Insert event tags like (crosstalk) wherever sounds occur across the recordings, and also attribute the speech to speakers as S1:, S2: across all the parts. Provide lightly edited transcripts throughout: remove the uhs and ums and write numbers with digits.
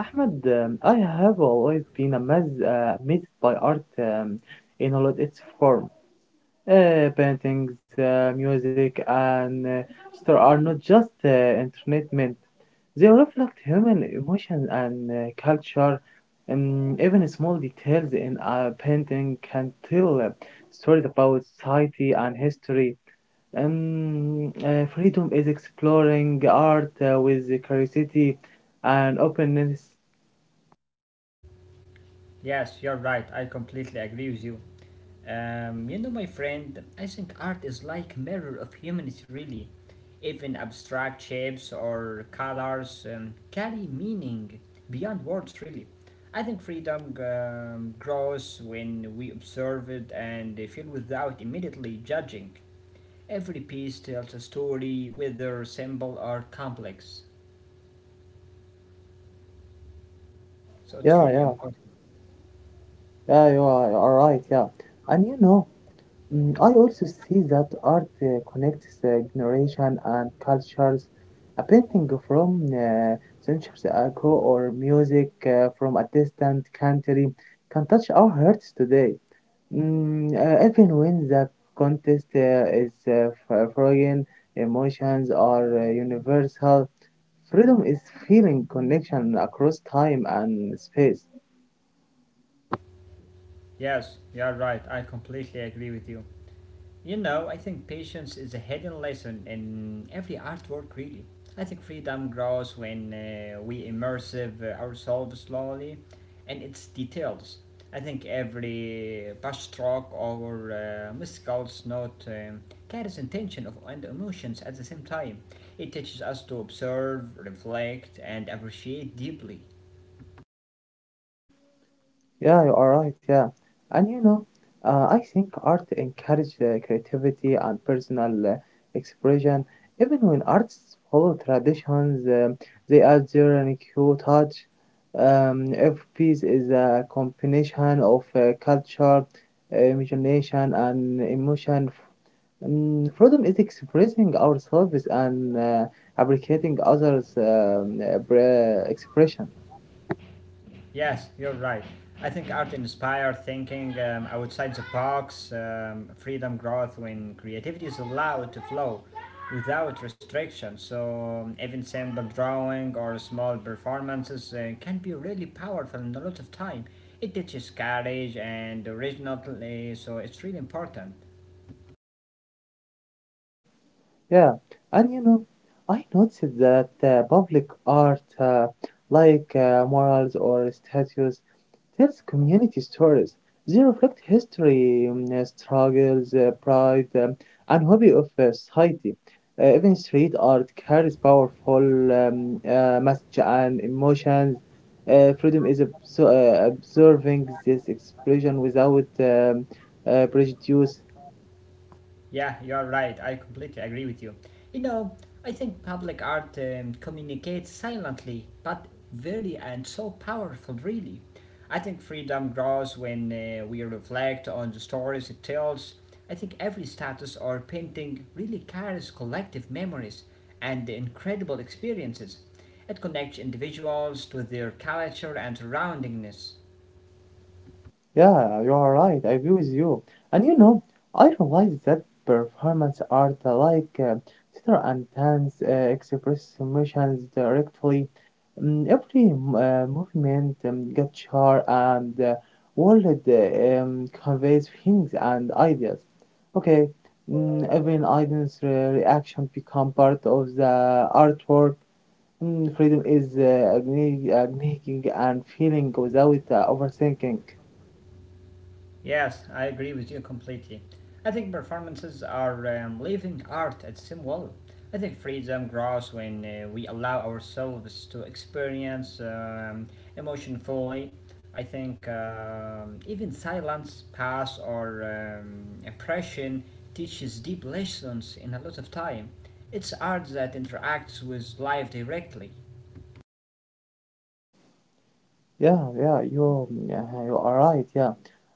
S1: Ahmad, I have always been amazed by art in all of its form. Paintings, music, and store are not just entertainment. They reflect human emotion and culture. Even small details in a painting can tell stories about society and history. Freedom is exploring art with curiosity and openness.
S2: Yes, you're right. I completely agree with you. You know, my friend, I think art is like mirror of humanity, really. Even abstract shapes or colors carry meaning beyond words, really. I think freedom grows when we observe it and feel without immediately judging. Every piece tells a story, whether simple or complex. So it's
S1: Yeah,
S2: really
S1: yeah,
S2: important.
S1: yeah, you are right, yeah. And I also see that art connects generation and cultures. A painting from centuries ago or music from a distant country can touch our hearts today. Even when the contest is frozen, emotions are universal. Freedom is feeling connection across time and space.
S2: Yes, you're right. I completely agree with you. You know, I think patience is a hidden lesson in every artwork, really. I think freedom grows when we immerse ourselves slowly in its details. I think every brushstroke or muscles note carries intention of, and emotions at the same time. It teaches us to observe, reflect, and appreciate deeply.
S1: Yeah, you are right. Yeah, and I think art encourages creativity and personal expression. Even when artists follow traditions, they add their unique touch. Every piece is a combination of culture, imagination, and emotion. Freedom is expressing ourselves and appreciating others' expression.
S2: Yes, you're right. I think art inspires thinking outside the box, freedom, growth, when creativity is allowed to flow without restriction. So, even simple drawing or small performances can be really powerful in a lot of time. It teaches courage and originality, so it's really important.
S1: Yeah, and I noticed that public art, like murals or statues, tells community stories. They reflect history, struggles, pride, and hobby of society. Even street art carries powerful message and emotions. Freedom is observing this expression without prejudice.
S2: Yeah, you're right. I completely agree with you. You know, I think public art communicates silently, but very and so powerful, really. I think freedom grows when we reflect on the stories it tells. I think every status or painting really carries collective memories and incredible experiences. It connects individuals to their culture and surroundings.
S1: Yeah, you are right. I agree with you. And I realize that performance art like theater and dance express emotions directly. Every movement, gesture, and word conveys feelings and ideas. Okay, even audience reaction become part of the artwork. Freedom is acknowledging and feeling without overthinking.
S2: Yes, I agree with you completely. I think performances are living art at some level. I think freedom grows when we allow ourselves to experience emotion fully. I think even silence, pause, or impression teaches deep lessons in a lot of time. It's art that interacts with life directly.
S1: Yeah, yeah, yeah, you are right. Yeah,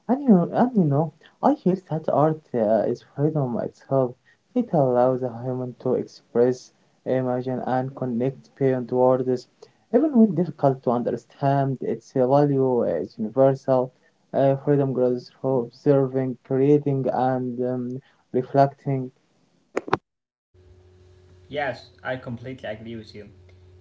S1: and I feel that art is freedom itself. It allows a human to express, imagine, and connect beyond words, even when difficult to understand. Its value is universal. Freedom grows through observing, creating, and reflecting.
S2: Yes, I completely agree with you.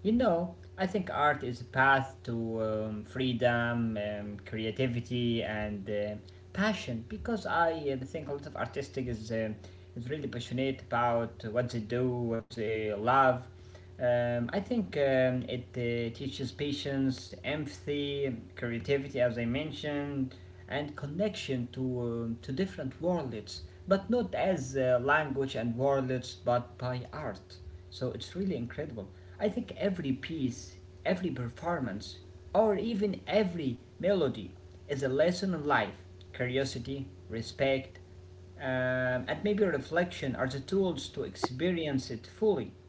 S2: You know, I think art is a path to freedom, creativity, and passion because I think a lot of artistic is really passionate about what they do, what they love. I think it teaches patience, empathy, creativity, as I mentioned, and connection to different worlds, but not as language and worlds, but by art. So it's really incredible. I think every piece, every performance, or even every melody is a lesson in life, curiosity, respect, um, and maybe reflection are the tools to experience it fully.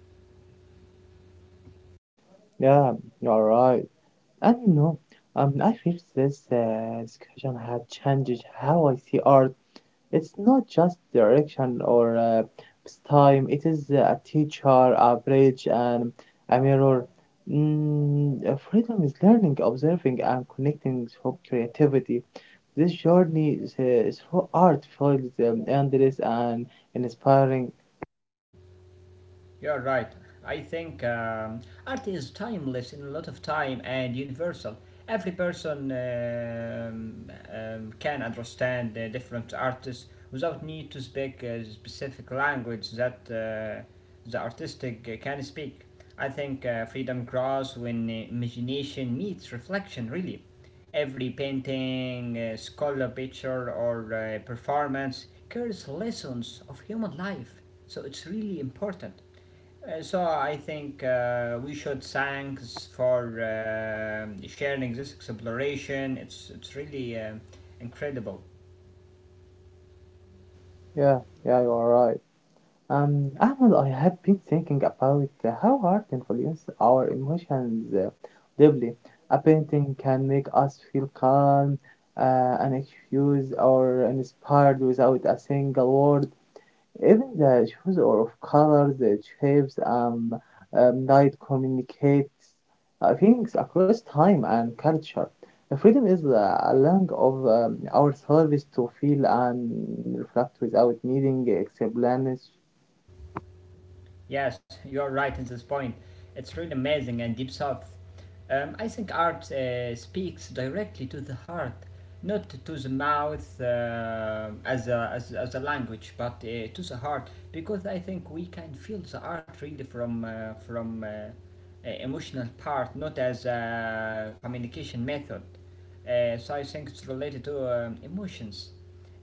S1: Yeah, you are right. And I feel this discussion has changed how I see art. It's not just direction or time. It is a teacher, a bridge, and a mirror. Freedom is learning, observing, and connecting through creativity. This journey through art feels endless and inspiring.
S2: You're right. I think art is timeless in a lot of time and universal. Every person can understand the different artists without need to speak a specific language that the artistic can speak. I think freedom grows when imagination meets reflection, really. Every painting, sculpture, picture, or performance carries lessons of human life, so it's really important. So I think we should thanks for sharing this exploration. It's really incredible.
S1: Yeah, yeah, you are right. Ahmed, I have been thinking about how art influences our emotions deeply. A painting can make us feel calm, unexcused, or inspired without a single word. Even the choice of colors, the shapes, light communicates feelings across time and culture. The freedom is a lung of our service to feel and reflect without needing explanation.
S2: Yes, you're right in this point. It's really amazing and deep thought. I think art speaks directly to the heart, not to the mouth uh, as a language, but to the heart, because I think we can feel the art really from emotional part, not as a communication method. So I think it's related to emotions.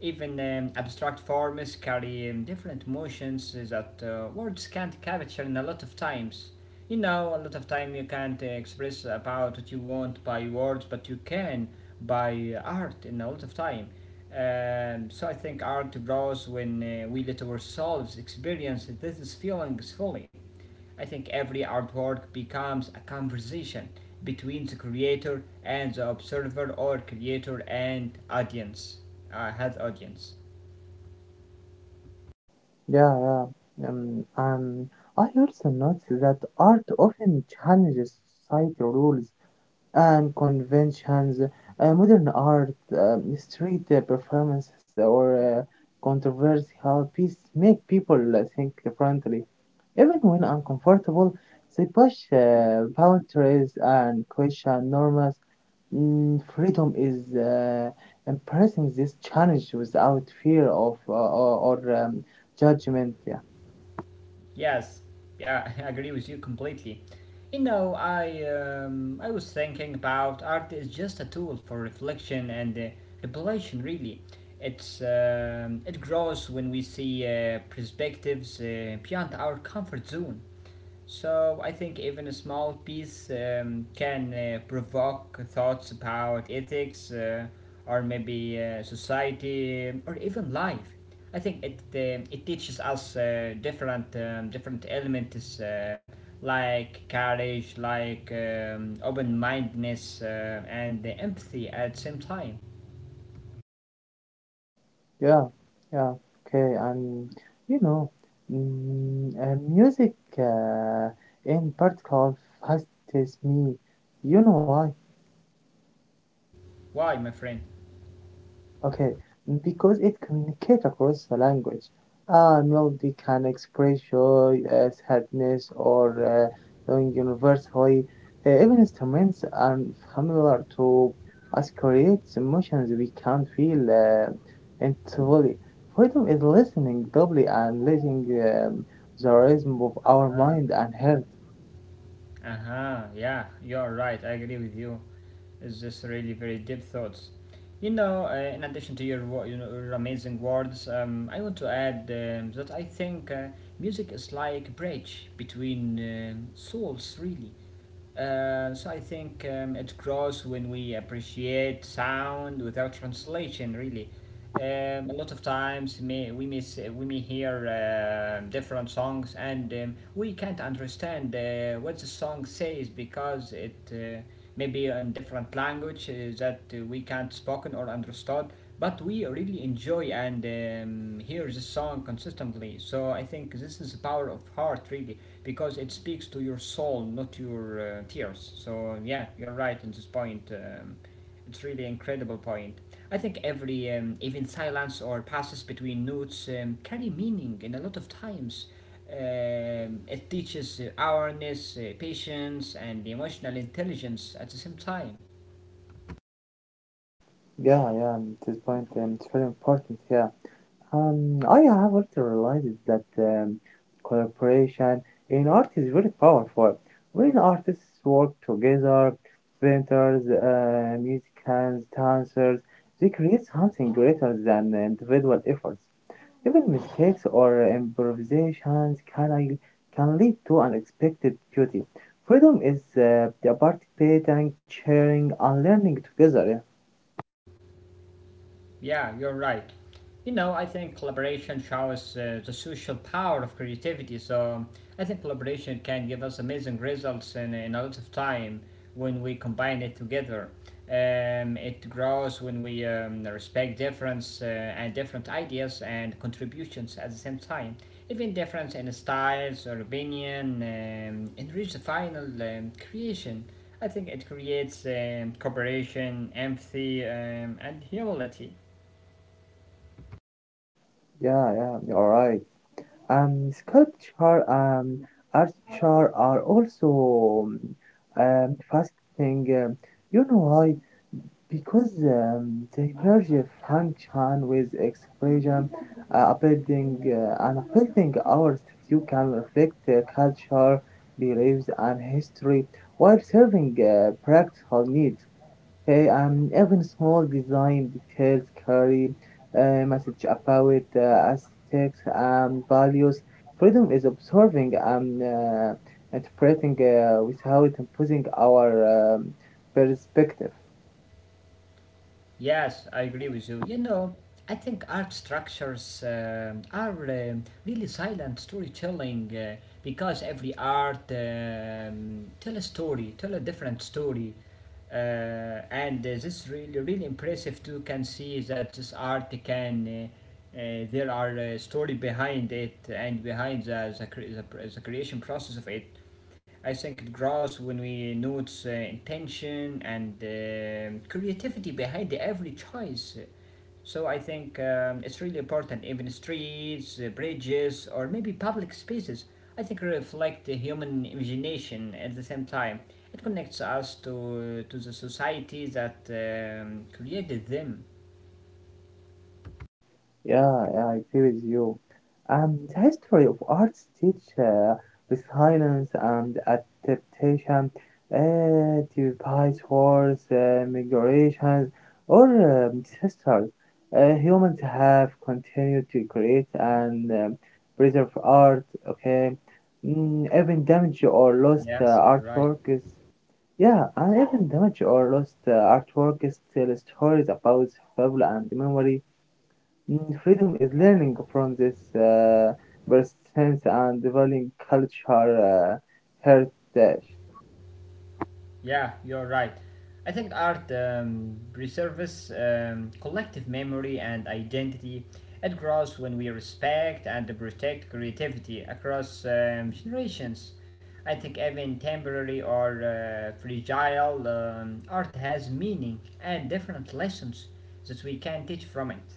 S2: Even abstract forms carry different emotions that words can't capture in a lot of times. You know, a lot of time you can't express about what you want by words, but you can by art in a lot of time. So I think art grows when we let ourselves experience these feelings fully. I think every artwork becomes a conversation between the creator and the observer or creator and audience has audience.
S1: Yeah, yeah. And I also noticed that art often challenges society rules and conventions. Modern art, street performances, or controversial pieces make people think differently. Even when uncomfortable, they push boundaries and question norms. Freedom is embracing this challenge without fear of or judgment. Yeah.
S2: Yes. Yeah, (laughs) I agree with you completely. You know, I was thinking about art is just a tool for reflection and revelation, really. It grows when we see perspectives beyond our comfort zone. So I think even a small piece can provoke thoughts about ethics or maybe society or even life. I think it teaches us different elements like courage, like open mindedness, and the empathy at the same time.
S1: Yeah, yeah, okay, and you know, music uh, in particular fascinates me. You know why?
S2: Why, my friend?
S1: Okay, because it communicates across the language. A melody can express joy, sadness, or knowing universally. Even instruments unfamiliar to us creates emotions we can't feel intuitively. Freedom is listening doubly and letting the rhythm of our mind and heart.
S2: Uh huh. Yeah, you're right. I agree with you. Is this really very deep thoughts. You know, in addition to your your amazing words, I want to add that I think music is like a bridge between souls, really. So I think it grows when we appreciate sound without translation. Really, a lot of times may, we miss we may hear different songs and we can't understand what the song says because it may be in different language that we can't spoken or understood. But we really enjoy and hear the song consistently. So I think this is the power of heart, really because it speaks to your soul, not your tears. So yeah, you're right in this point. It's really incredible point. I think every even silence or passes between notes carry meaning, and a lot of times it teaches awareness, patience, and emotional intelligence at the same time.
S1: Yeah, yeah, this point it's very important. Yeah. I have also realized that collaboration in art is very powerful. When artists work together, painters, musicians, dancers, they create something greater than individual efforts. Even mistakes or improvisations can lead to unexpected beauty. Freedom is the participating, sharing, and learning together.
S2: Yeah, you're right. You know, I think collaboration shows the social power of creativity. So I think collaboration can give us amazing results in a lot of time when we combine it together. It grows when we respect difference and different ideas and contributions at the same time. Even difference in styles or opinion enrich the final creation. I think it creates cooperation, empathy, and humility.
S1: Yeah, yeah, yeah, you're right. Sculpture, architecture are also fascinating. You know why? Because they merge a function with expression. A building and a building our statue can reflect the culture, beliefs, and history while serving practical needs. Okay, even small design details carry a message about aesthetics and values. Freedom is observing and interpreting without imposing our perspective.
S2: Yes, I agree with you. You know, I think art structures are really silent storytelling because every art tell a story, tell a different story, uh, and this is really really impressive too. Can see that this art can. There are story behind it and behind the creation process of it. I think it grows when we notice intention and creativity behind every choice. So I think it's really important, even streets, bridges, or maybe public spaces. I think reflect the human imagination at the same time. It connects us to the society that created them.
S1: Yeah, yeah, I agree with you. The history of arts teach resilience and adaptation, despite wars, migrations, or disasters. Humans have continued to create and preserve art, okay? Even damaged or lost
S2: Yes, you're right.
S1: artwork is, yeah, and even damaged or lost artwork is still stories about survival and memory. Freedom is learning from this first sense and valuing culture heritage.
S2: Yeah, you're right. I think art preserves collective memory and identity. It grows when we respect and protect creativity across generations. I think even temporary or fragile art has meaning and different lessons that we can teach from it.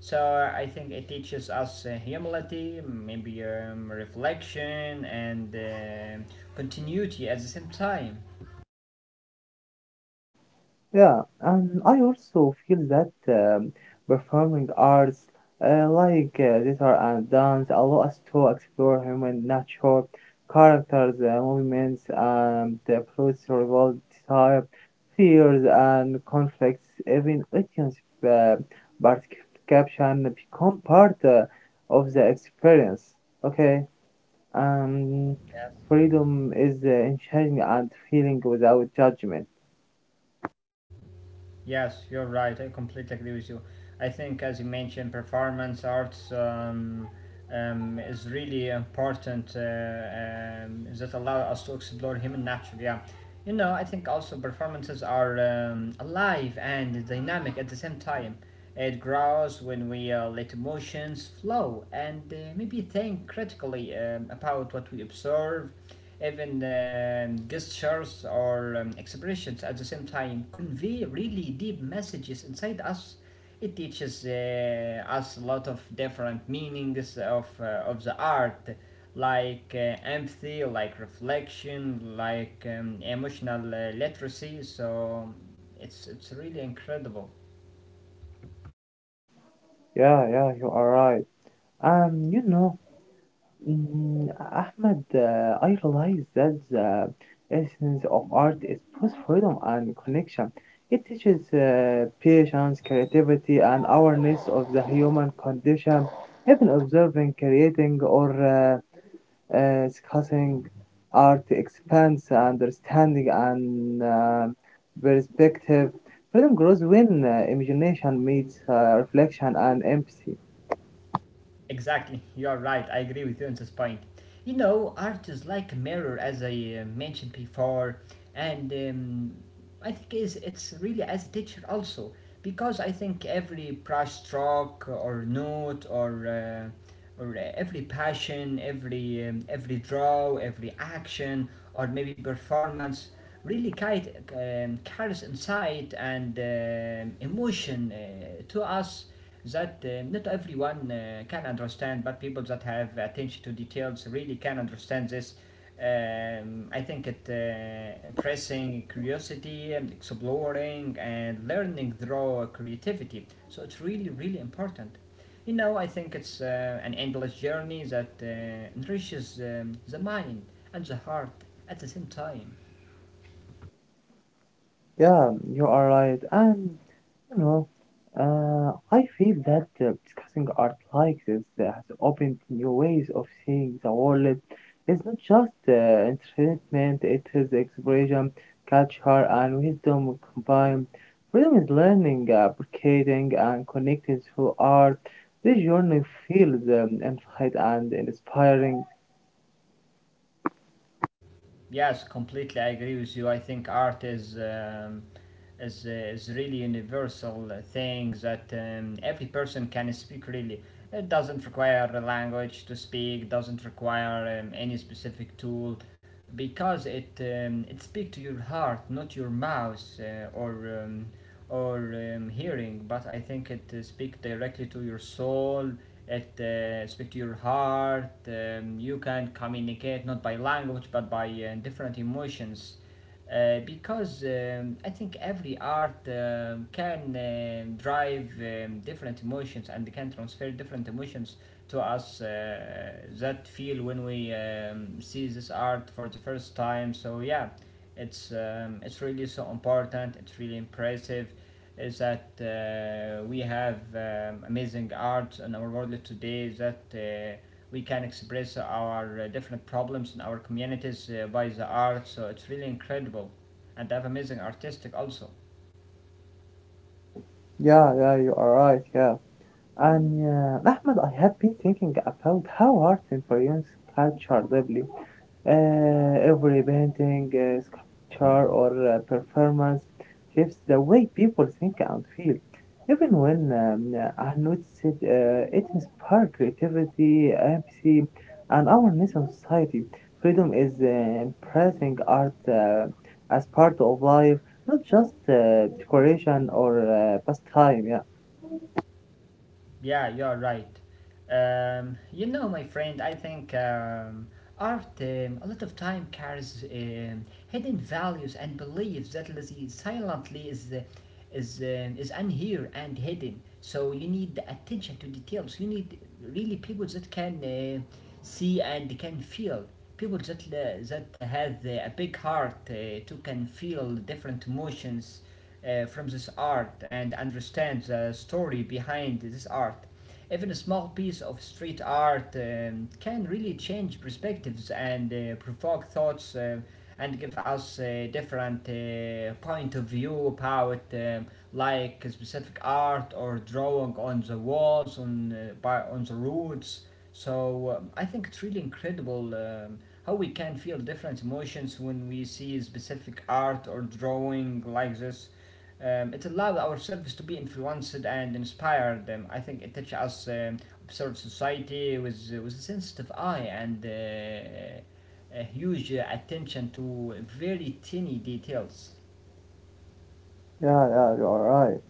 S2: So I think it teaches us humility, maybe reflection, and continuity at the same time.
S1: Yeah, and I also feel that performing arts like theater and dance allow us to explore human nature, characters, movements, and the approach to revolve desire, fears, and conflicts. Even audience uh, participation become part of the experience. Okay, um, freedom is in sharing and feeling without judgment.
S2: Yes, you're right. I completely agree with you. I think, as you mentioned, performance arts. Is really important that allow us to explore human nature. Yeah, you know, I think also performances are alive and dynamic at the same time. It grows when we let emotions flow and maybe think critically about what we observe. Even gestures or expressions at the same time convey really deep messages inside us. It teaches us a lot of different meanings of the art, like empathy, like reflection, like emotional literacy. So it's really incredible.
S1: Yeah, yeah, you are right. Um, you know, Ahmed, I realize that the essence of art is both freedom and connection. It teaches patience, creativity, and awareness of the human condition. Even observing, creating, or discussing art expands understanding and perspective. Freedom grows when imagination meets reflection and empathy.
S2: Exactly, you're right. I agree with you on this point. You know, art is like a mirror, as I mentioned before, and I think is it's really as a teacher also because I think every brush stroke or note or every passion, every draw, every action, or maybe performance really kind, carries insight and emotion to us that not everyone can understand, but people that have attention to details really can understand this. I think it impressing curiosity, exploring, and learning through creativity. So it's really, really important. You know, I think it's an endless journey that enriches the mind and the heart at the same time.
S1: Yeah, you are right. And You know, I feel that discussing art like this has opened new ways of seeing the world. It's not just entertainment. It is expression, culture, and wisdom combined. Freedom is learning, appreciating, and connecting through art. This journey feels infinite and inspiring.
S2: Yes, completely. I agree with you. I think art is is really universal thing that every person can speak. Really, it doesn't require a language to speak. Doesn't require any specific tool, because it it speaks to your heart, not your mouth or hearing. But I think it speaks directly to your soul. It speak to your heart. You can communicate not by language but by different emotions because I think every art can drive different emotions and can transfer different emotions to us that feel when we see this art for the first time. So yeah, it's really so important. It's really impressive is that we have amazing art in our world today that we can express our different problems in our communities by the art, so it's really incredible and they have amazing artistic also.
S1: Yeah, yeah, you are right, yeah. And Ahmed, I have been thinking about how art influences culture deeply. Every painting, sculpture, or performance shapes the way people think and feel. Even when I noticed it, it inspires creativity, empathy, and awareness in society. Freedom is embracing art as part of life, not just decoration or pastime. Yeah.
S2: Yeah, you're right. My friend, I think art, a lot of time, carries hidden values and beliefs that lazy silently is unheard and hidden. So you need the attention to details. You need really people that can see and can feel. People that that have a big heart to can feel different emotions from this art and understand the story behind this art. Even a small piece of street art can really change perspectives and provoke thoughts and give us a different point of view about like a specific art or drawing on the walls on by on the roads. So I think it's really incredible, how we can feel different emotions when we see specific art or drawing like this. It allowed our service to be influenced and inspired. I think it touched us, observe society with a sensitive eye and a huge attention to very tiny details.
S1: Yeah, yeah, you are right.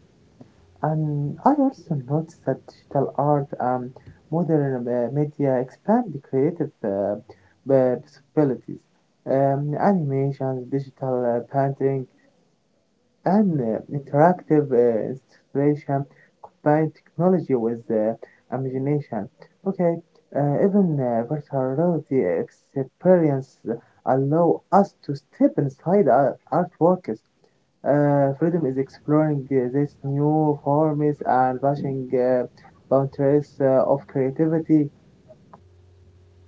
S1: And I also noticed that digital art and modern media expand the creative uh, possibilities. Animation, digital painting, and interactive installation combine technology with imagination. Okay, even virtual reality experience allow us to step inside our artworks. Freedom is exploring these new forms and pushing boundaries of creativity.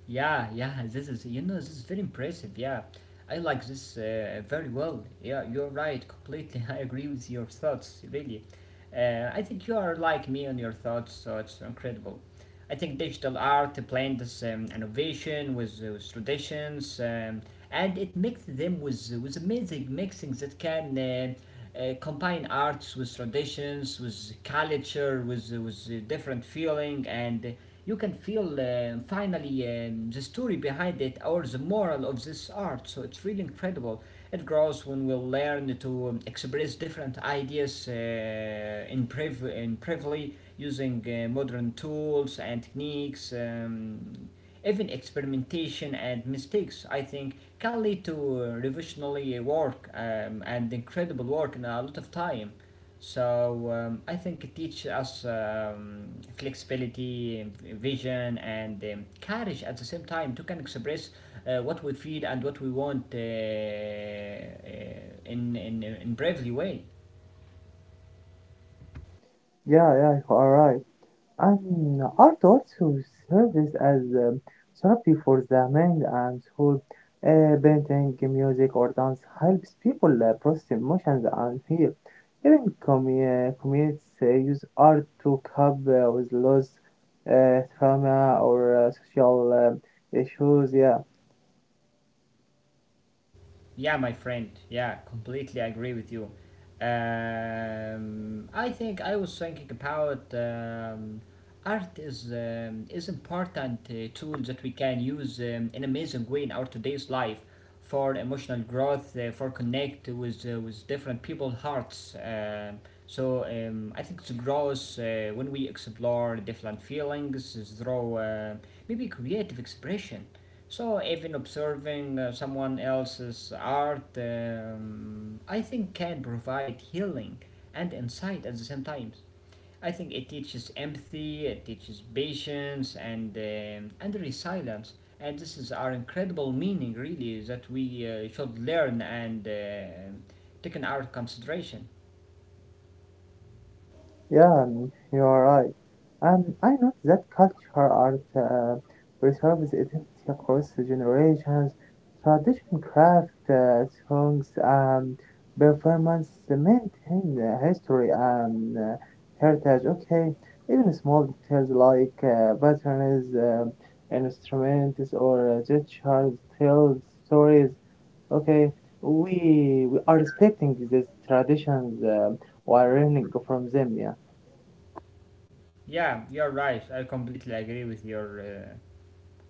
S2: Yeah, yeah, this is, you know, this is very impressive. Yeah, I like this very well. Yeah, you're right, completely. (laughs) I agree with your thoughts, really. I think you are like me on your thoughts, so it's incredible. I think digital art blends innovation with traditions, and it mixes them with amazing mixings that can combine arts with traditions, with culture, with different feeling, and you can feel finally the story behind it or the moral of this art. So it's really incredible. It grows when we learn to express different ideas using modern tools and techniques. Even experimentation and mistakes, I think, can lead to revolutionary work and incredible work in a lot of time. So I think it teaches us flexibility, vision, and courage at the same time to can express what we feel and what we want in bravely way.
S1: Yeah, yeah, you are right. And art also serves as therapy for the mind and soul. Painting, music, or dance helps people process emotions and heal. Even communities use art to cope with loss, trauma, or social issues. Yeah.
S2: Yeah, my friend. Yeah, completely agree with you. I think I was thinking about art is important tool that we can use in amazing way in our today's life for emotional growth, for connect with different people hearts. So I think it grows when we explore different feelings through maybe creative expression. So, even observing someone else's art, I think, can provide healing and insight at the same time. I think it teaches empathy, it teaches patience, and resilience. And this is our incredible meaning, really, that we should learn and take in our consideration.
S1: Yeah, you are right. And I know that culture art preserves identity across the generations. Tradition, craft, songs, and performance maintain history and heritage. Okay, even small details like patterns, instruments, or gestures tell stories. Okay, we are respecting these traditions while learning from them. Yeah.
S2: Yeah, you're right. I completely agree with your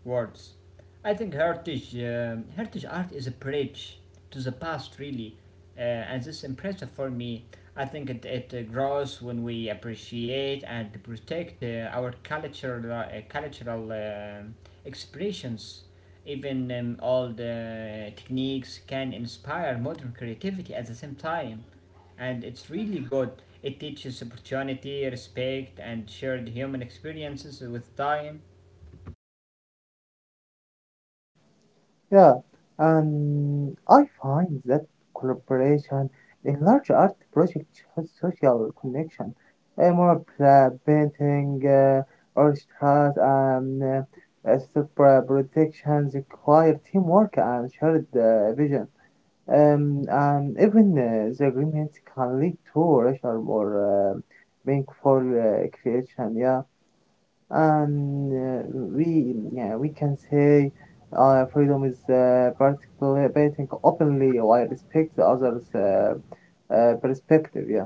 S2: words. I think heritage, art is a bridge to the past, really, and this is impressive for me. I think it grows when we appreciate and protect our cultural expressions. Even old techniques can inspire modern creativity at the same time, and it's really good. It teaches opportunity, respect, and shared human experiences with time.
S1: Yeah, and I find that collaboration in large art projects has social connection. More painting, orchestras, and super productions require teamwork and shared vision. And even the agreements can lead to richer, more meaningful creation. Yeah, and we yeah, we can say freedom is participating openly while respect the other's perspective. Yeah,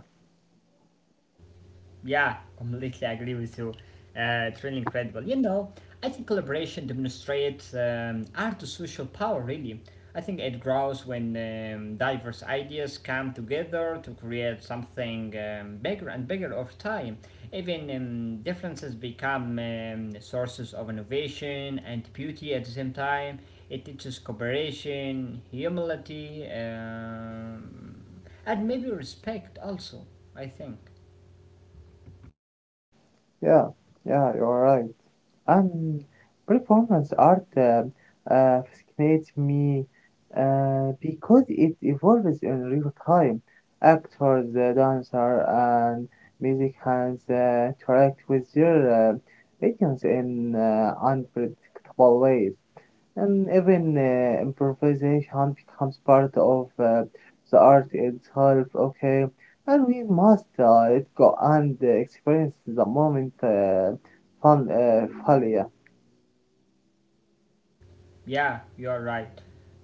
S2: Yeah, completely agree with you. It's really incredible. You know, I think collaboration demonstrates art to social power, really. I think it grows when diverse ideas come together to create something bigger and bigger over time. Even differences become sources of innovation and beauty at the same time. It teaches cooperation, humility, and maybe respect also, I think.
S1: yeah, yeah, you're right. And performance art uh, fascinates me because it evolves in real time. Actors, the dancer, and music hands interact with their audience in unpredictable ways. And even improvisation becomes part of the art itself, okay? And we must let go and experience the moment fully.
S2: Yeah, you are right.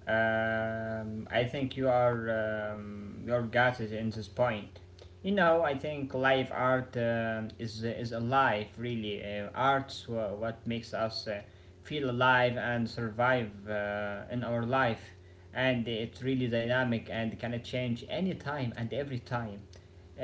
S2: I think you are you're gutted in this point. You know, I think live art is alive. Really, art's what makes us feel alive and survive in our life, and it's really dynamic and can change any time and every time.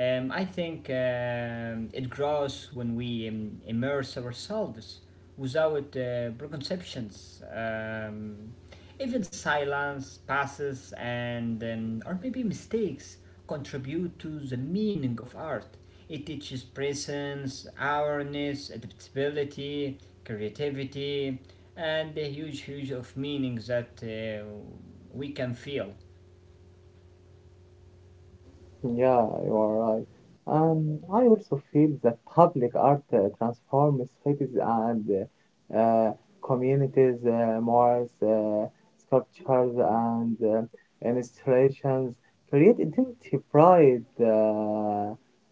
S2: I think it grows when we immerse ourselves without preconceptions. Even silence, passes, and or maybe mistakes contribute to the meaning of art. It teaches presence, awareness, adaptability, creativity, and a huge, huge of meaning that we can feel.
S1: Yeah, you are right. And I also feel that public art transforms cities and uh, uh, communities. Mores, sculptures, and installations create identity, pride, uh,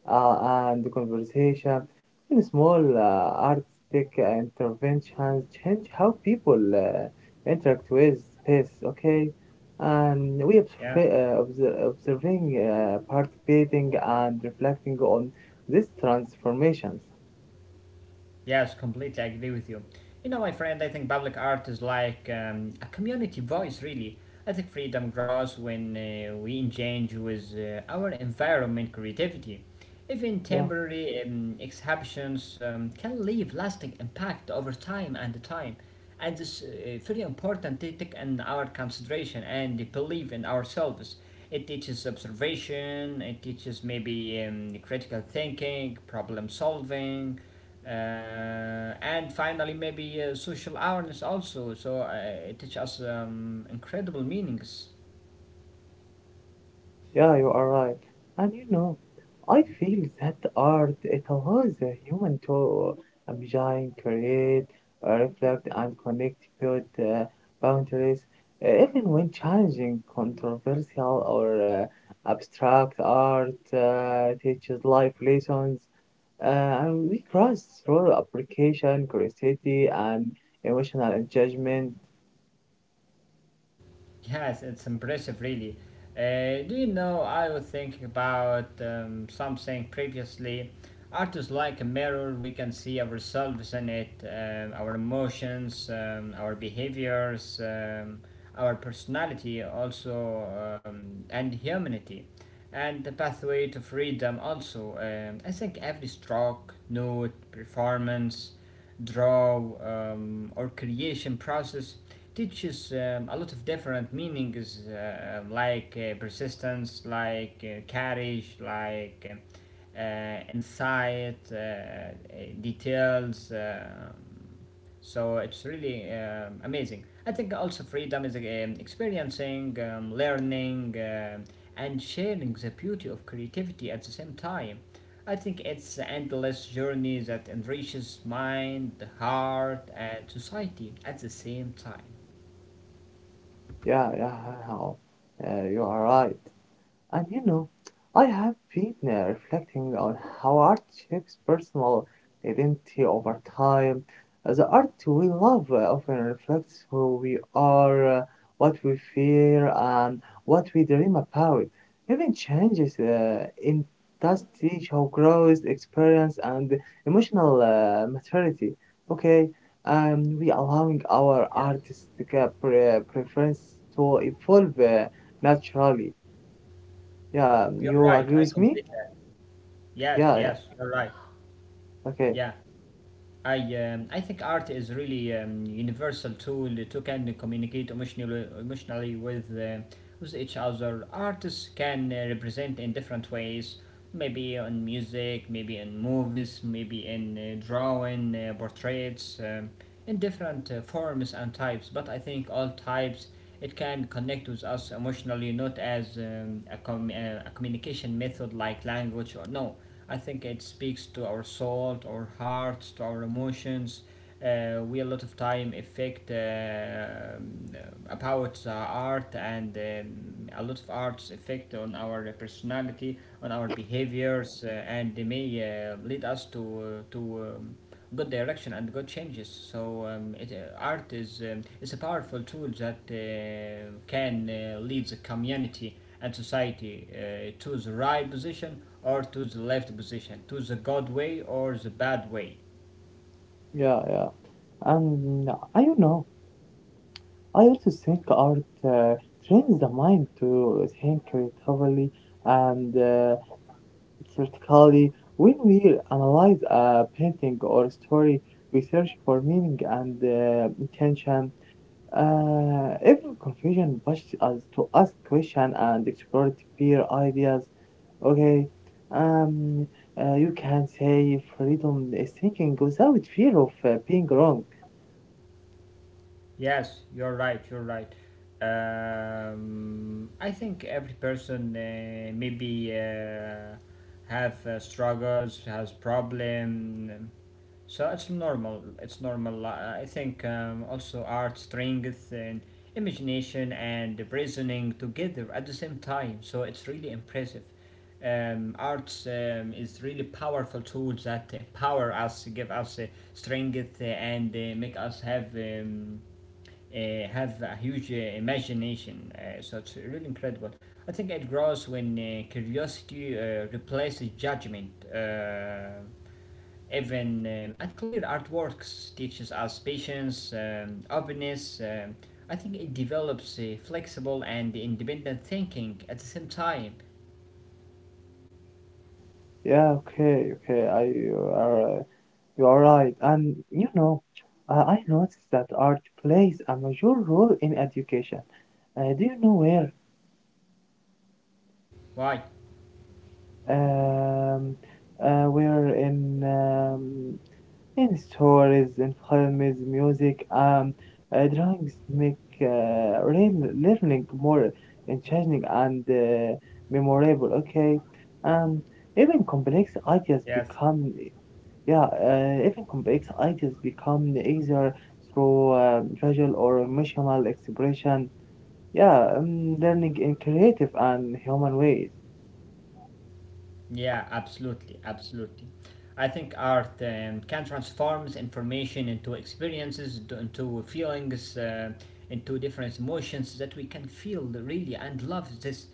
S1: uh, and conversation. Even small artistic interventions change how people interact with space, okay? And we
S2: Yeah.
S1: observing, participating, and reflecting on these transformations.
S2: Yes, completely agree with you. You know, my friend, I think public art is like a community voice, really. I think freedom grows when we engage with our environment creativity. Even
S1: Yeah,
S2: temporary exhibitions can leave lasting impact over time and time, and it's very important to take in our consideration and the belief in ourselves. It teaches observation, it teaches maybe critical thinking, problem solving, and finally maybe social awareness also. So it teaches us incredible meanings.
S1: yeah, you are right. And I feel that art it allows a human to imagine, create, reflect, and connect with boundaries, even when challenging, controversial, or abstract art teaches life lessons. Uh, and we cross through application, curiosity, and emotional engagement.
S2: Yes, it's impressive, really. Do you know, I was thinking about something previously. Art is like a mirror, we can see ourselves in it, our emotions, our behaviors, our personality, also, and humanity, and the pathway to freedom, also. I think every stroke, note, performance, draw, or creation process teaches a lot of different meanings like persistence, like courage, like insight, details. So it's really amazing. I think also freedom is experiencing, learning, and sharing the beauty of creativity at the same time. I think it's an endless journey that enriches mind, heart, and society at the same time.
S1: Yeah, yeah, yeah. Yeah. You are right. And I have been reflecting on how art shapes personal identity over time. The art we love often reflects who we are, what we fear, and what we dream about. Even changes in intensity show growth, experience, and emotional maturity. Okay, we allowing our
S2: Yes,
S1: artistic preference to evolve naturally, yeah,
S2: you're
S1: you
S2: right.
S1: agree
S2: I
S1: with me?
S2: completely. Yes,
S1: Yeah, yeah.
S2: yes, you're right.
S1: Okay.
S2: Yeah, I think art is really universal tool to can communicate emotionally with each other. Artists can represent in different ways. Maybe on music, maybe in movies, maybe in drawing, portraits, in different forms and types. But I think all types, it can connect with us emotionally, not as a communication method like language or no. I think it speaks to our soul, to our hearts, to our emotions. We a lot of time affect about the art, and a lot of arts affect on our personality, on our behaviors, and they may lead us to uh, to um, good direction and good changes. So art is a powerful tool that can lead the community and society to the right position or to the left position, to the good way or the bad way.
S1: Yeah, yeah. And I don't know. I also think art trains the mind to think creatively and critically. When we analyze a painting or story, we search for meaning and intention. Every confusion pushes us to ask questions and explore deeper ideas. Okay. Um, you can say freedom is thinking without fear of being wrong.
S2: Yes, you're right. You're right. I think every person maybe have struggles, has problem. So it's normal. It's normal. I think also art, strength, and imagination and reasoning together at the same time. So it's really impressive. Arts is really powerful tools that empower us, give us strength, and make us have a huge imagination. So it's really incredible. I think it grows when curiosity replaces judgment. Even at Clear Artworks teaches us patience, openness. I think it develops flexible and independent thinking at the same time.
S1: Yeah, okay, okay. I you are right. And you know, I noticed that art plays a major role in education. Do you know where?
S2: Why?
S1: Um, where in? In stories, in films, music, drawings make real learning more engaging and memorable. Okay, um, even complex
S2: Yes.
S1: ideas become yeah, Even complex ideas become easier through visual or emotional expression. Yeah, learning in creative and human ways.
S2: Yeah, absolutely, absolutely. I think art can transforms information into experiences, into feelings, into different emotions that we can feel really and love this.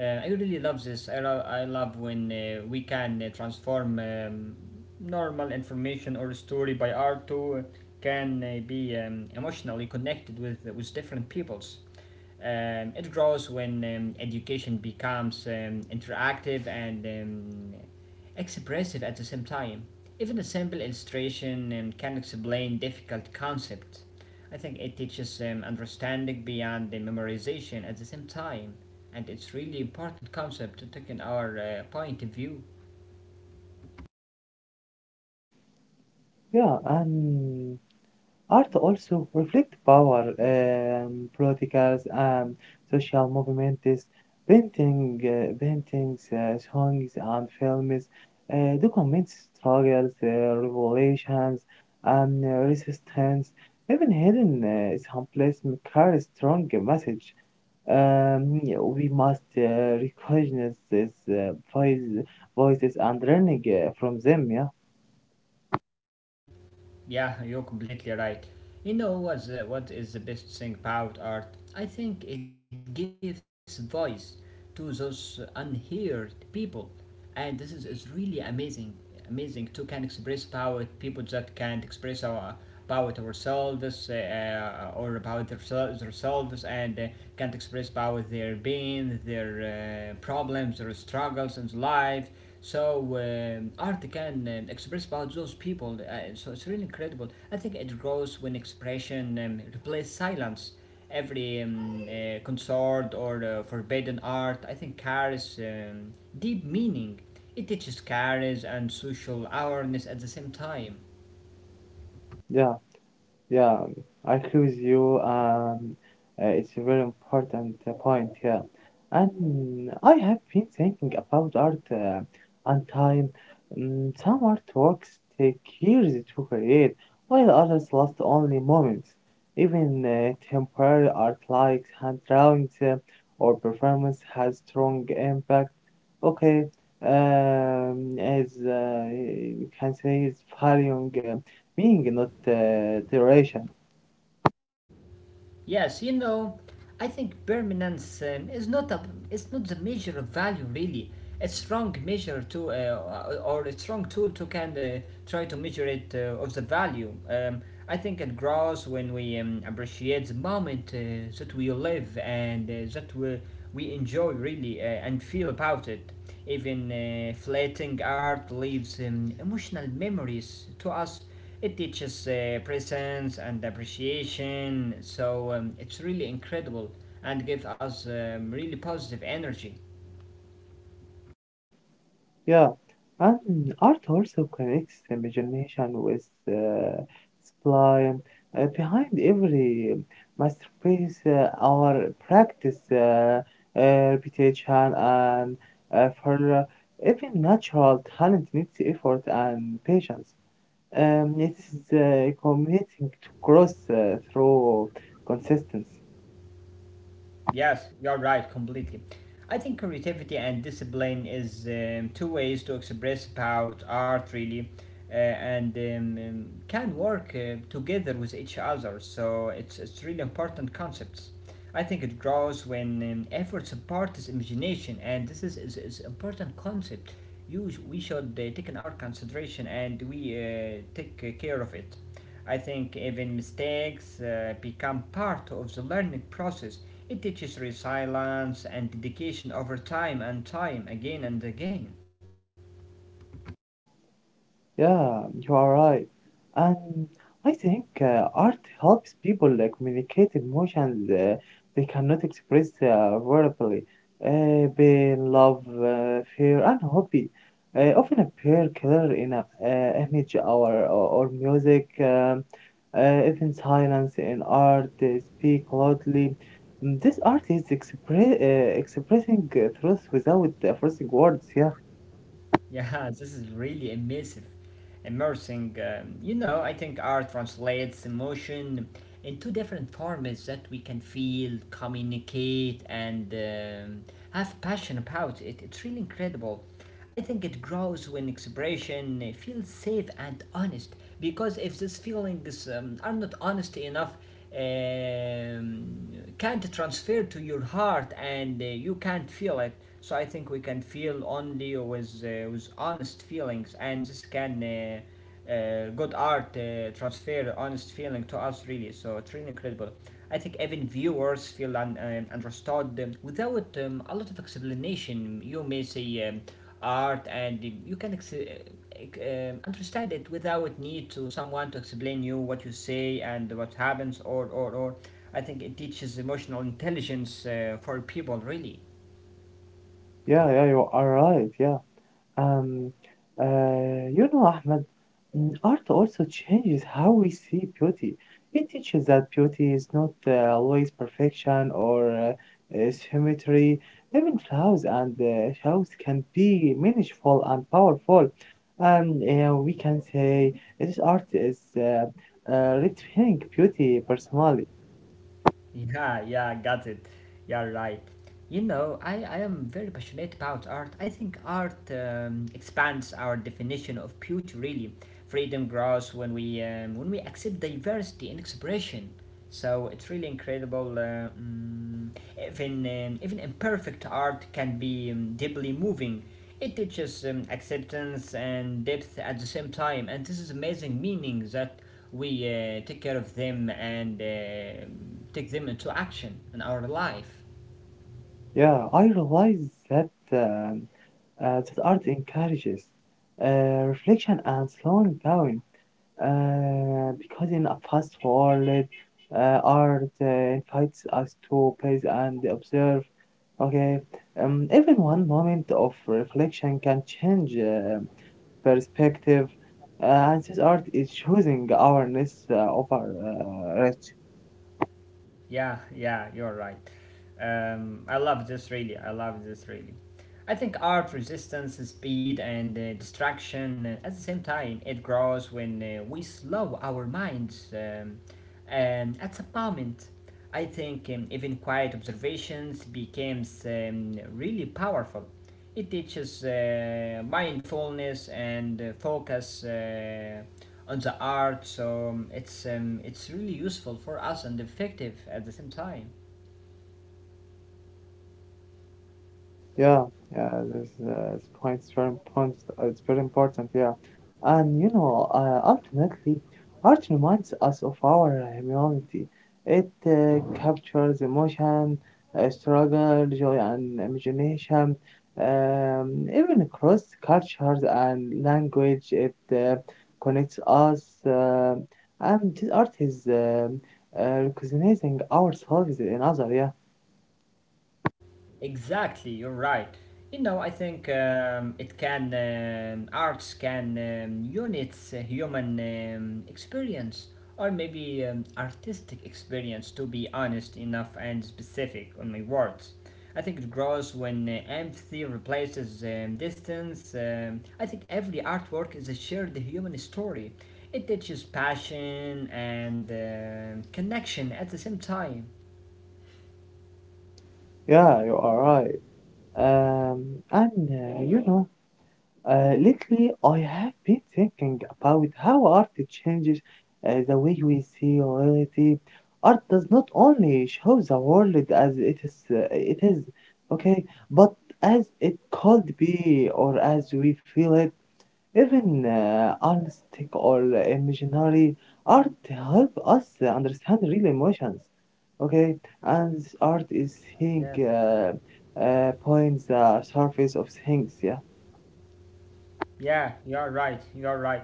S2: I really love this. I love when we can transform normal information or story by art to can be emotionally connected with different peoples. It grows when education becomes interactive and expressive at the same time. Even a simple illustration can explain difficult concepts. I think it teaches understanding beyond the memorization at the same time, and it's really important concept to take in our point of view.
S1: Yeah, and art also reflects power, politics, and social movements. Paintings, songs, and films document struggles, revolutions, and resistance. Even hidden someplace may carry strong message. Um, we must recognize these voices and learning from them. Yeah,
S2: Yeah, you're completely right. You know what is the best thing about art? I think it gives voice to those unheard people, and is really amazing. Amazing to can express power people that can't express our about ourselves or about themselves and can't express about their pain, their problems, their struggles in life. So art can express about those people. So it's really incredible. I think it grows when expression replaces silence. Every concert or forbidden art, I think, carries deep meaning. It teaches carries and social awareness at the same time.
S1: yeah. Yeah, I agree with you. It's a very important point here. And I have been thinking about art and time. Mm, some artworks take years to create, while others last only moments. Even temporary art like hand drawings or performance has strong impact. Okay, as you can say, it's varying, being not duration.
S2: Yes, you know, I think permanence is not a it's not the measure of value, really. It's wrong measure to or it's wrong tool to kind of try to measure it of the value. I think it grows when we appreciate the moment that we live and that we enjoy really and feel about it. Even flatting art leaves emotional memories to us. It teaches presence and appreciation, so it's really incredible and gives us really positive energy.
S1: Yeah, and art also connects imagination with sublime. Behind every masterpiece, our practice, repetition, and for even natural talent needs effort and patience. It is committing to growth through consistency.
S2: Yes, you're right, completely. I think creativity and discipline is two ways to express about art, really, and can work together with each other. So it's really important concepts. I think it grows when effort supports imagination, and this is important concept. We should take in our consideration and we take care of it. I think even mistakes become part of the learning process. It teaches resilience and dedication over time and time, again and again.
S1: Yeah, you are right. And I think art helps people communicate emotions they cannot express verbally. Pain, love, fear, and hobby often appear clear in a image or music, even silence in art, speak loudly. This art is expressing truth without forcing words. Yeah,
S2: Yeah, (laughs) this is really immersive. Immersing. You know, I think art translates emotion into different forms that we can feel, communicate, and have passion about. It's really incredible. I think it grows when expression feels safe and honest. Because if these feelings are not honest enough, um, can't transfer to your heart and you can't feel it. So I think we can feel only with honest feelings, and this can good art transfer honest feeling to us really. So it's really incredible. I think even viewers feel understood without a lot of explanation. You may say. Art and you can understand it without need to someone to explain you what you say and what happens or I think it teaches emotional intelligence for people really.
S1: yeah, yeah, you are right. Yeah. Um, you know, Ahmed, mm, art also changes how we see beauty. It teaches that beauty is not always perfection or symmetry. Even flaws and shadows can be meaningful and powerful. And we can say this art is redefining beauty personally.
S2: Yeah, yeah, got it. You're right. You know, I am very passionate about art. I think art expands our definition of beauty, really. Freedom grows when we accept diversity and expression. So it's really incredible. Even even imperfect art can be deeply moving. It teaches acceptance and depth at the same time, and this is amazing meaning that we take care of them and take them into action in our life.
S1: Yeah, I realize that art encourages uh, reflection and slowing down. Because in a fast forward, art invites us to pause and observe. Okay, Even one moment of reflection can change perspective, and this art is choosing awareness over.
S2: Yeah, yeah, you're right. I love this really. I love this really. I think art resistance, speed, and distraction at the same time. It grows when we slow our minds. And at some moment, I think even quiet observations becomes really powerful. It teaches mindfulness and focus on the art, so it's really useful for us and effective at the same time.
S1: Yeah, yeah, this point's very important. Uh, it's very important, yeah. And you know, ultimately, art reminds us of our humanity. It captures emotion, struggle, joy, and imagination. Even across cultures and language, it connects us. And this art is recognizing ourselves in other. Yeah,
S2: Exactly, you're right. You know, I think it can, arts can units human experience or maybe artistic experience to be honest enough and specific on my words. I think it grows when empathy replaces distance. I think every artwork is a shared human story. It teaches passion and connection at the same time.
S1: yeah, you are right. And You know, lately I have been thinking about how art changes the way we see reality. Art does not only show the world as it is, okay, but as it could be or as we feel it. Even artistic or imaginary art help us understand real emotions. Okay, and this art is seeing
S2: Yes.
S1: points the surface of things. Yeah,
S2: Yeah, you're right. You're right.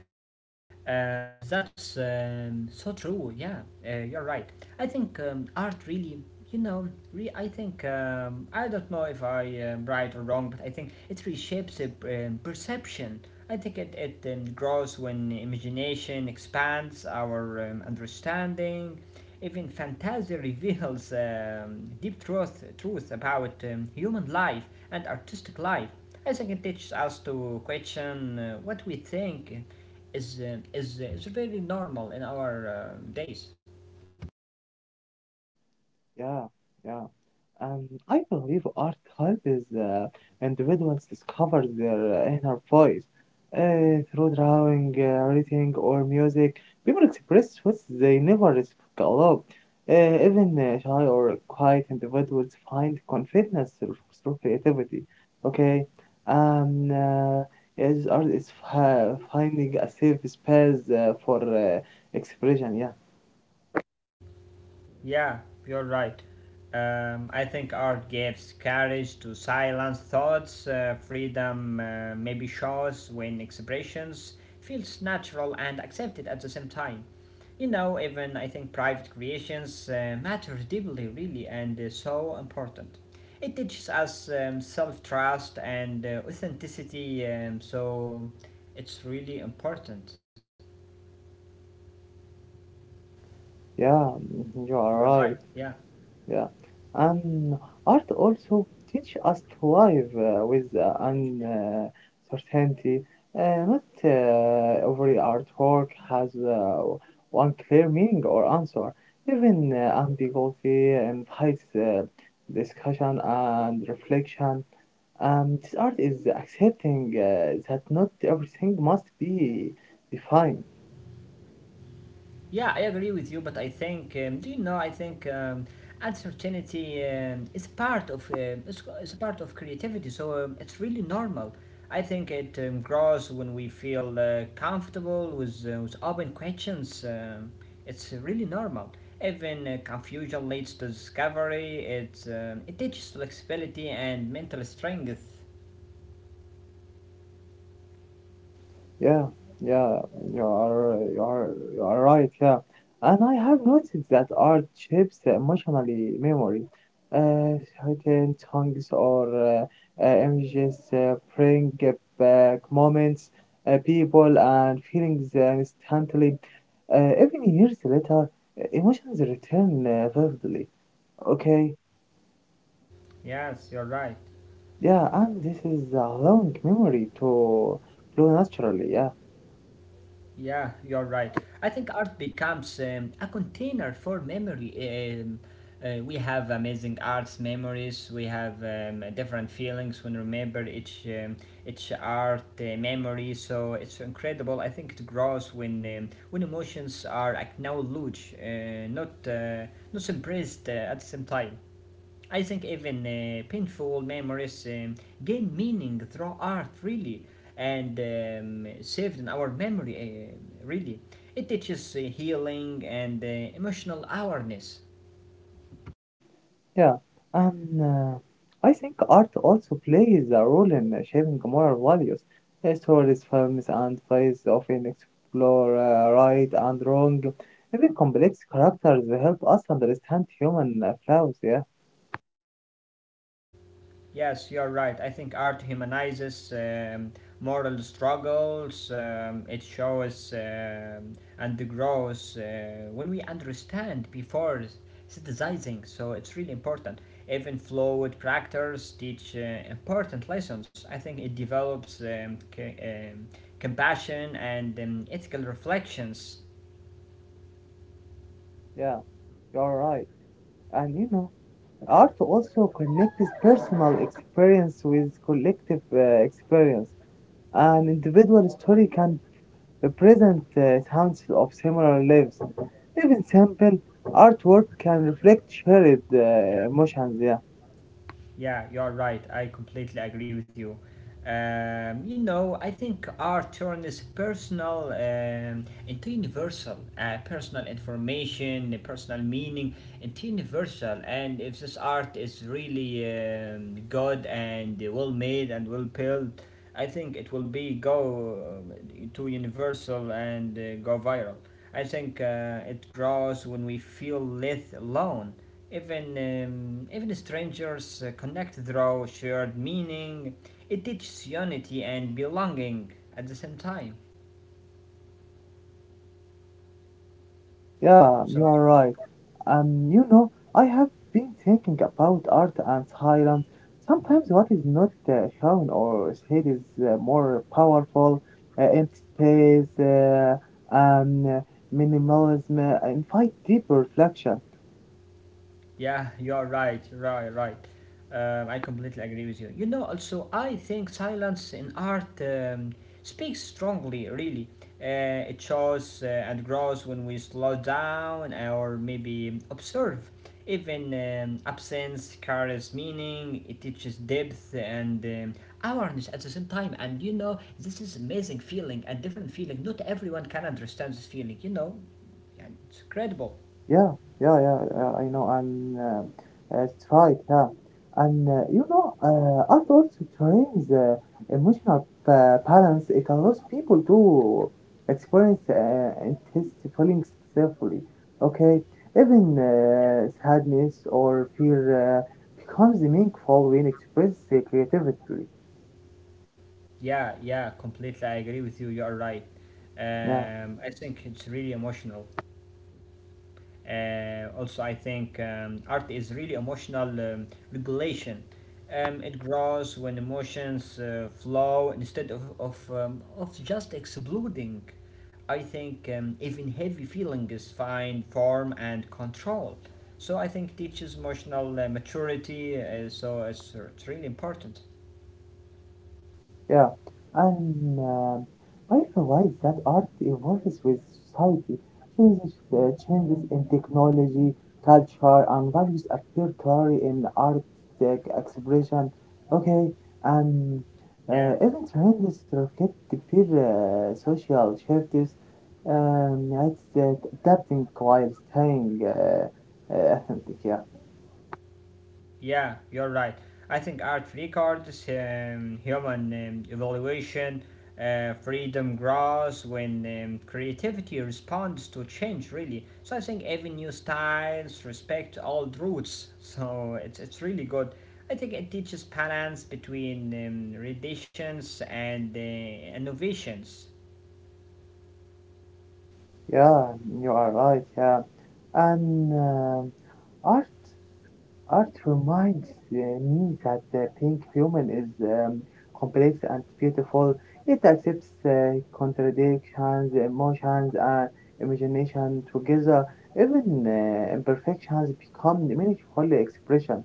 S2: That's so true. Yeah, you're right. I think art really, you know, I think I don't know if I am right or wrong, but I think it reshapes a, perception. I think it grows when imagination expands our understanding. Even fantasy reveals deep truth, truth about human life and artistic life. I think it teaches us to question what we think is very normal in our days.
S1: yeah, yeah. I believe art helps individuals discover their inner voice through drawing, writing, or music. People express what they never develop. Even shy or quiet individuals find confidence through creativity. Okay, um, uh, is art is finding a safe space for expression. Yeah,
S2: Yeah, you're right. I think art gives courage to silence thoughts, freedom maybe shows when expressions feels natural and accepted at the same time. You know, even I think private creations matter deeply, really, and is so important. It teaches us self-trust and authenticity, so it's really important.
S1: yeah, mhm, you
S2: You're
S1: are
S2: right.
S1: right.
S2: Yeah.
S1: Yeah. And art also teach us to live with uncertainty. Not every artwork has one clear meaning or answer. Even ambiguity invites discussion and reflection. This art is accepting that not everything must be defined.
S2: Yeah, I agree with you, but I think, do you know? I think uncertainty is part of it's part of creativity, so it's really normal. I think it grows when we feel comfortable with open questions. It's really normal. Even confusion leads to discovery. It teaches flexibility and mental strength.
S1: Yeah, yeah, you are, you are, you are right. Yeah, and I have noticed that art shapes the emotionally memory. Uh, Certain songs or images bring back moments, people, and feelings instantly. Even years later, emotions return vividly. Okay,
S2: Yes, you're right.
S1: yeah, and this is allowing memory to flow naturally. Yeah.
S2: Yeah, you're right. I think art becomes a container for memory. Um, we have amazing arts memories. We have different feelings when remember each art memory. So it's incredible. I think it grows when emotions are acknowledged, not not suppressed at the same time. I think even painful memories gain meaning through art, really, and saved in our memory, really. It teaches healing and emotional awareness.
S1: Yeah, and I think art also plays a role in shaping moral values. Stories, films, and plays often explore right and wrong. Even complex characters help us understand human flaws. Yeah,
S2: Yes, you're right. I think art humanizes moral struggles. It shows and grows when we understand before synthesizing. So it's really important. Even flawed characters teach important lessons. I think it develops compassion and ethical reflections.
S1: yeah, you're right. And you know, art also connects personal experience with collective experience. An individual story can the present council of similar lives. Even simple artwork can reflect shared emotions. Yeah,
S2: Yeah, you're right. I completely agree with you. You know, I think art turns personal into universal, personal information, personal meaning into universal. And if this art is really good and well made and well built, I think it will be go to universal and go viral. I think it grows when we feel less alone even even strangers connect through shared meaning. It teaches unity and belonging at the same time.
S1: yeah,
S2: So
S1: you are right. You know, I have been thinking about art and silence. Sometimes what is not shown or said is more powerful. Empty space and minimalism invite deeper reflection.
S2: yeah, you're right, right, right. I completely agree with you. You know, also, I think silence in art speaks strongly, really. It shows and grows when we slow down or maybe observe. Even absence carries meaning, it teaches depth and awareness at the same time. And you know, this is amazing feeling and different feeling. Not everyone can understand this feeling, you know. Yeah, it's incredible.
S1: Yeah, yeah, yeah. I know, and it's right. Yeah, and you know, art also trains emotional balance. It allows people to experience and taste feelings successfully. Okay, even sadness or fear becomes meaningful when expressed creatively.
S2: Yeah, yeah, completely. I agree with you. You are right.
S1: Yeah.
S2: I think it's really emotional. Also, I think art is really emotional regulation. It grows when emotions flow instead of just exploding. I think even heavy feelings find form and control. So I think teaches emotional maturity. So it's really important.
S1: Yeah, and I realize that art evolves with society. Changes in technology, culture, and values appear clearly in art expression. Okay, and
S2: Yes.
S1: even trends reflect the peer social shifts. It's that adapting while staying authentic. Yeah,
S2: Yeah, you're right. I think art records human evaluation, freedom grows when creativity responds to change, really. So I think every new styles respect old roots. (laughs) So it's really good. I think it teaches balance between renditions and innovations.
S1: yeah, you are right. Yeah, and. art art reminds me that the pink human is complex and beautiful. It accepts contradictions, emotions, and imagination together. Even imperfections become meaningful expression.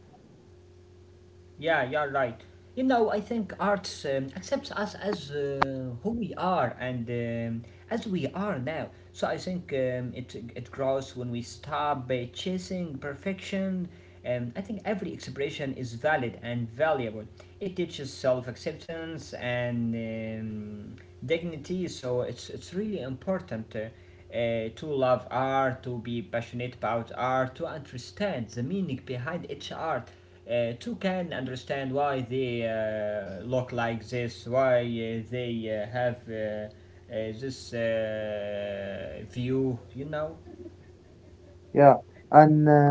S2: Yeah, you're right. You know, I think arts accepts us as who we are and as we are now. So I think it grows when we stop chasing perfection. I think every expression is valid and valuable. It teaches self acceptance and dignity. So it's really important. To love art, to be passionate about art, to understand the meaning behind each art to can understand why they look like this, why they have this view, you know?
S1: Yeah, and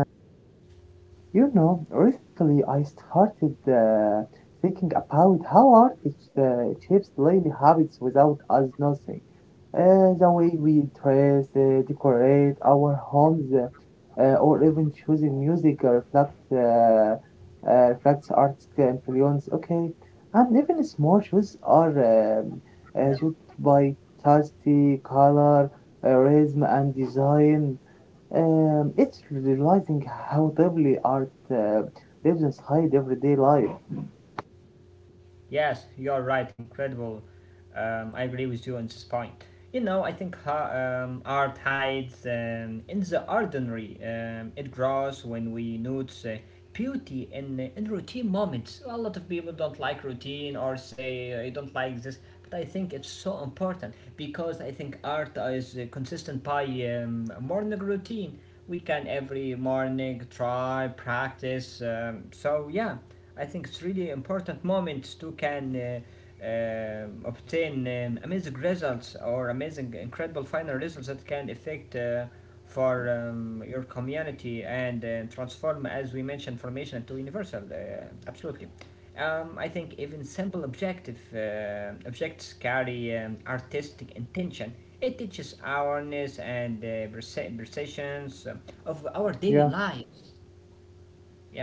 S1: you know, recently I started thinking about how art shapes daily habits without us noticing. The way we dress, decorate our homes, or even choosing music reflects art's influence. Okay, and even small shoes are
S2: Yeah.
S1: shaped by taste, color, rhythm, and design. It's realizing how deeply art lives inside everyday life.
S2: Yes, you're right, incredible. I agree with you on this point. You know, I think art hides in the ordinary. It grows when we notice beauty in routine moments. A lot of people don't like routine or say, I don't like this, but I think it's so important because I think art is consistent by morning routine. We can every morning try, practice. So, yeah, I think it's really important moments to can. Obtain amazing results or amazing, incredible final results that can affect for your community and transform, as we mentioned, formation into universal. Absolutely. I think even simple objective objects carry artistic intention. It teaches awareness and perceptions of our
S1: Yeah,
S2: daily lives.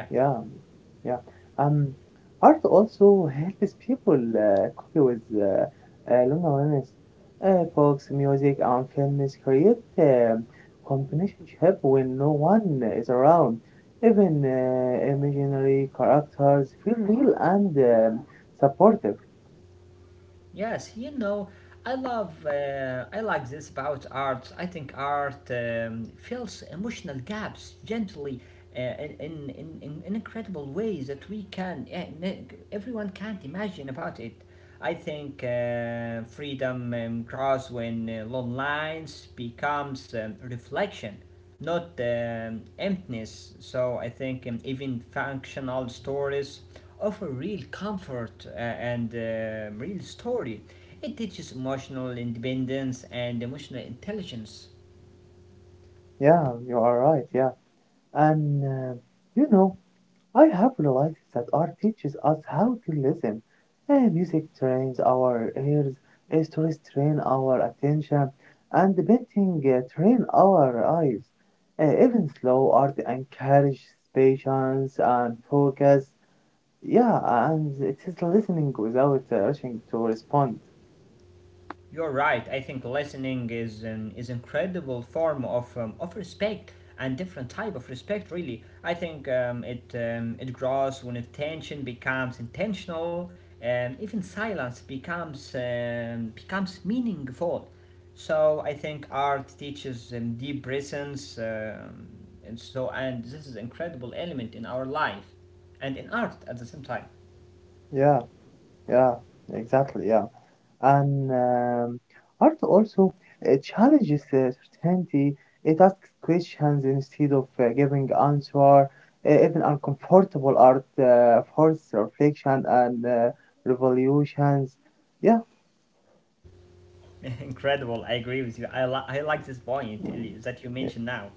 S2: Yeah.
S1: yeah, yeah. Um, art also helps people cope with loneliness. Books, music, and films create companionship when no one is around. Even imaginary characters feel real and supportive.
S2: Yes, you know, I love, I like this about art. I think art fills emotional gaps gently, in incredible ways that we can, everyone can't imagine about it. I think freedom grows when long lines becomes reflection not emptiness. So I think even functional stories offer real comfort and real story. It teaches emotional independence and emotional intelligence.
S1: Yeah, you are right. Yeah, and you know, I have realized that art teaches us how to listen. Music trains our ears, stories train our attention, and painting train our eyes. Even slow art encourages patience and focus. Yeah, and it is listening without rushing to respond.
S2: You're right. I think listening is an is incredible form of respect and different type of respect. Really, I think it grows when attention becomes intentional. And even silence becomes becomes meaningful. So I think art teaches deep presence, and so and this is incredible element in our life, and in art at the same time.
S1: Yeah, yeah, exactly. Yeah. And art also challenges certainty. It asks questions instead of giving answer. Even uncomfortable art forces reflection and revolutions. Yeah,
S2: (laughs) Incredible. I agree with you. I like this point Eli, that you
S1: yeah.
S2: mentioned now.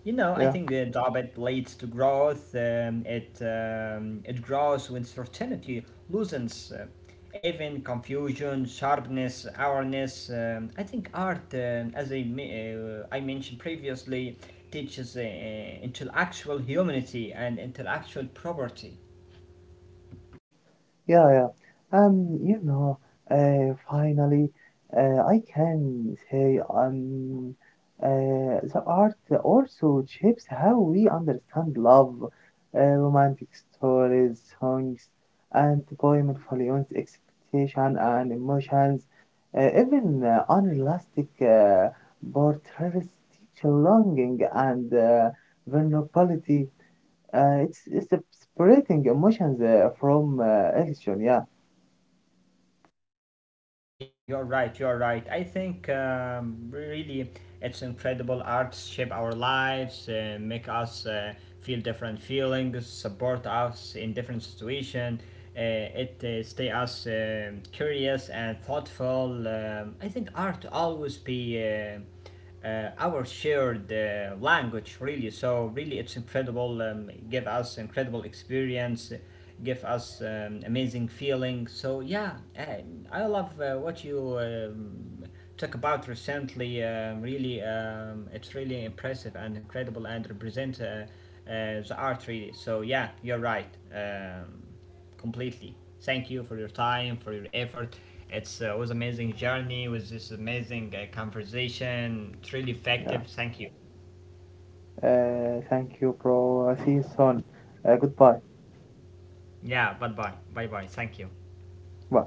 S2: You know, I
S1: Yeah.
S2: think job leads to growth. It grows when certainty loosens, even confusion, sharpness, awareness. I think art, as I mentioned previously, teaches intellectual humanity and intellectual property.
S1: Yeah, yeah. You know, finally, I can say the art also shapes how we understand love, romantic stories, songs, and poem influence expectation and emotions. Even unrealistic portraits teach longing and vulnerability. It's separating emotions from action. Yeah.
S2: Yeah, you're right. You're right. I think really it's incredible. Arts shape our lives, make us feel different feelings, support us in different situations. It stay us curious and thoughtful. I think art always be. Our shared language really so really it's incredible give us incredible experience give us amazing feeling so yeah I love what you talk about recently really it's really impressive and incredible and represent the art really so yeah you're right completely. Thank you for your time, for your effort. It was an amazing journey. It was this amazing conversation. It's really
S1: Yeah.
S2: effective. Thank you.
S1: Thank you, bro. See you soon. Goodbye.
S2: Yeah, bye bye, bye bye. Thank you.
S1: Bye.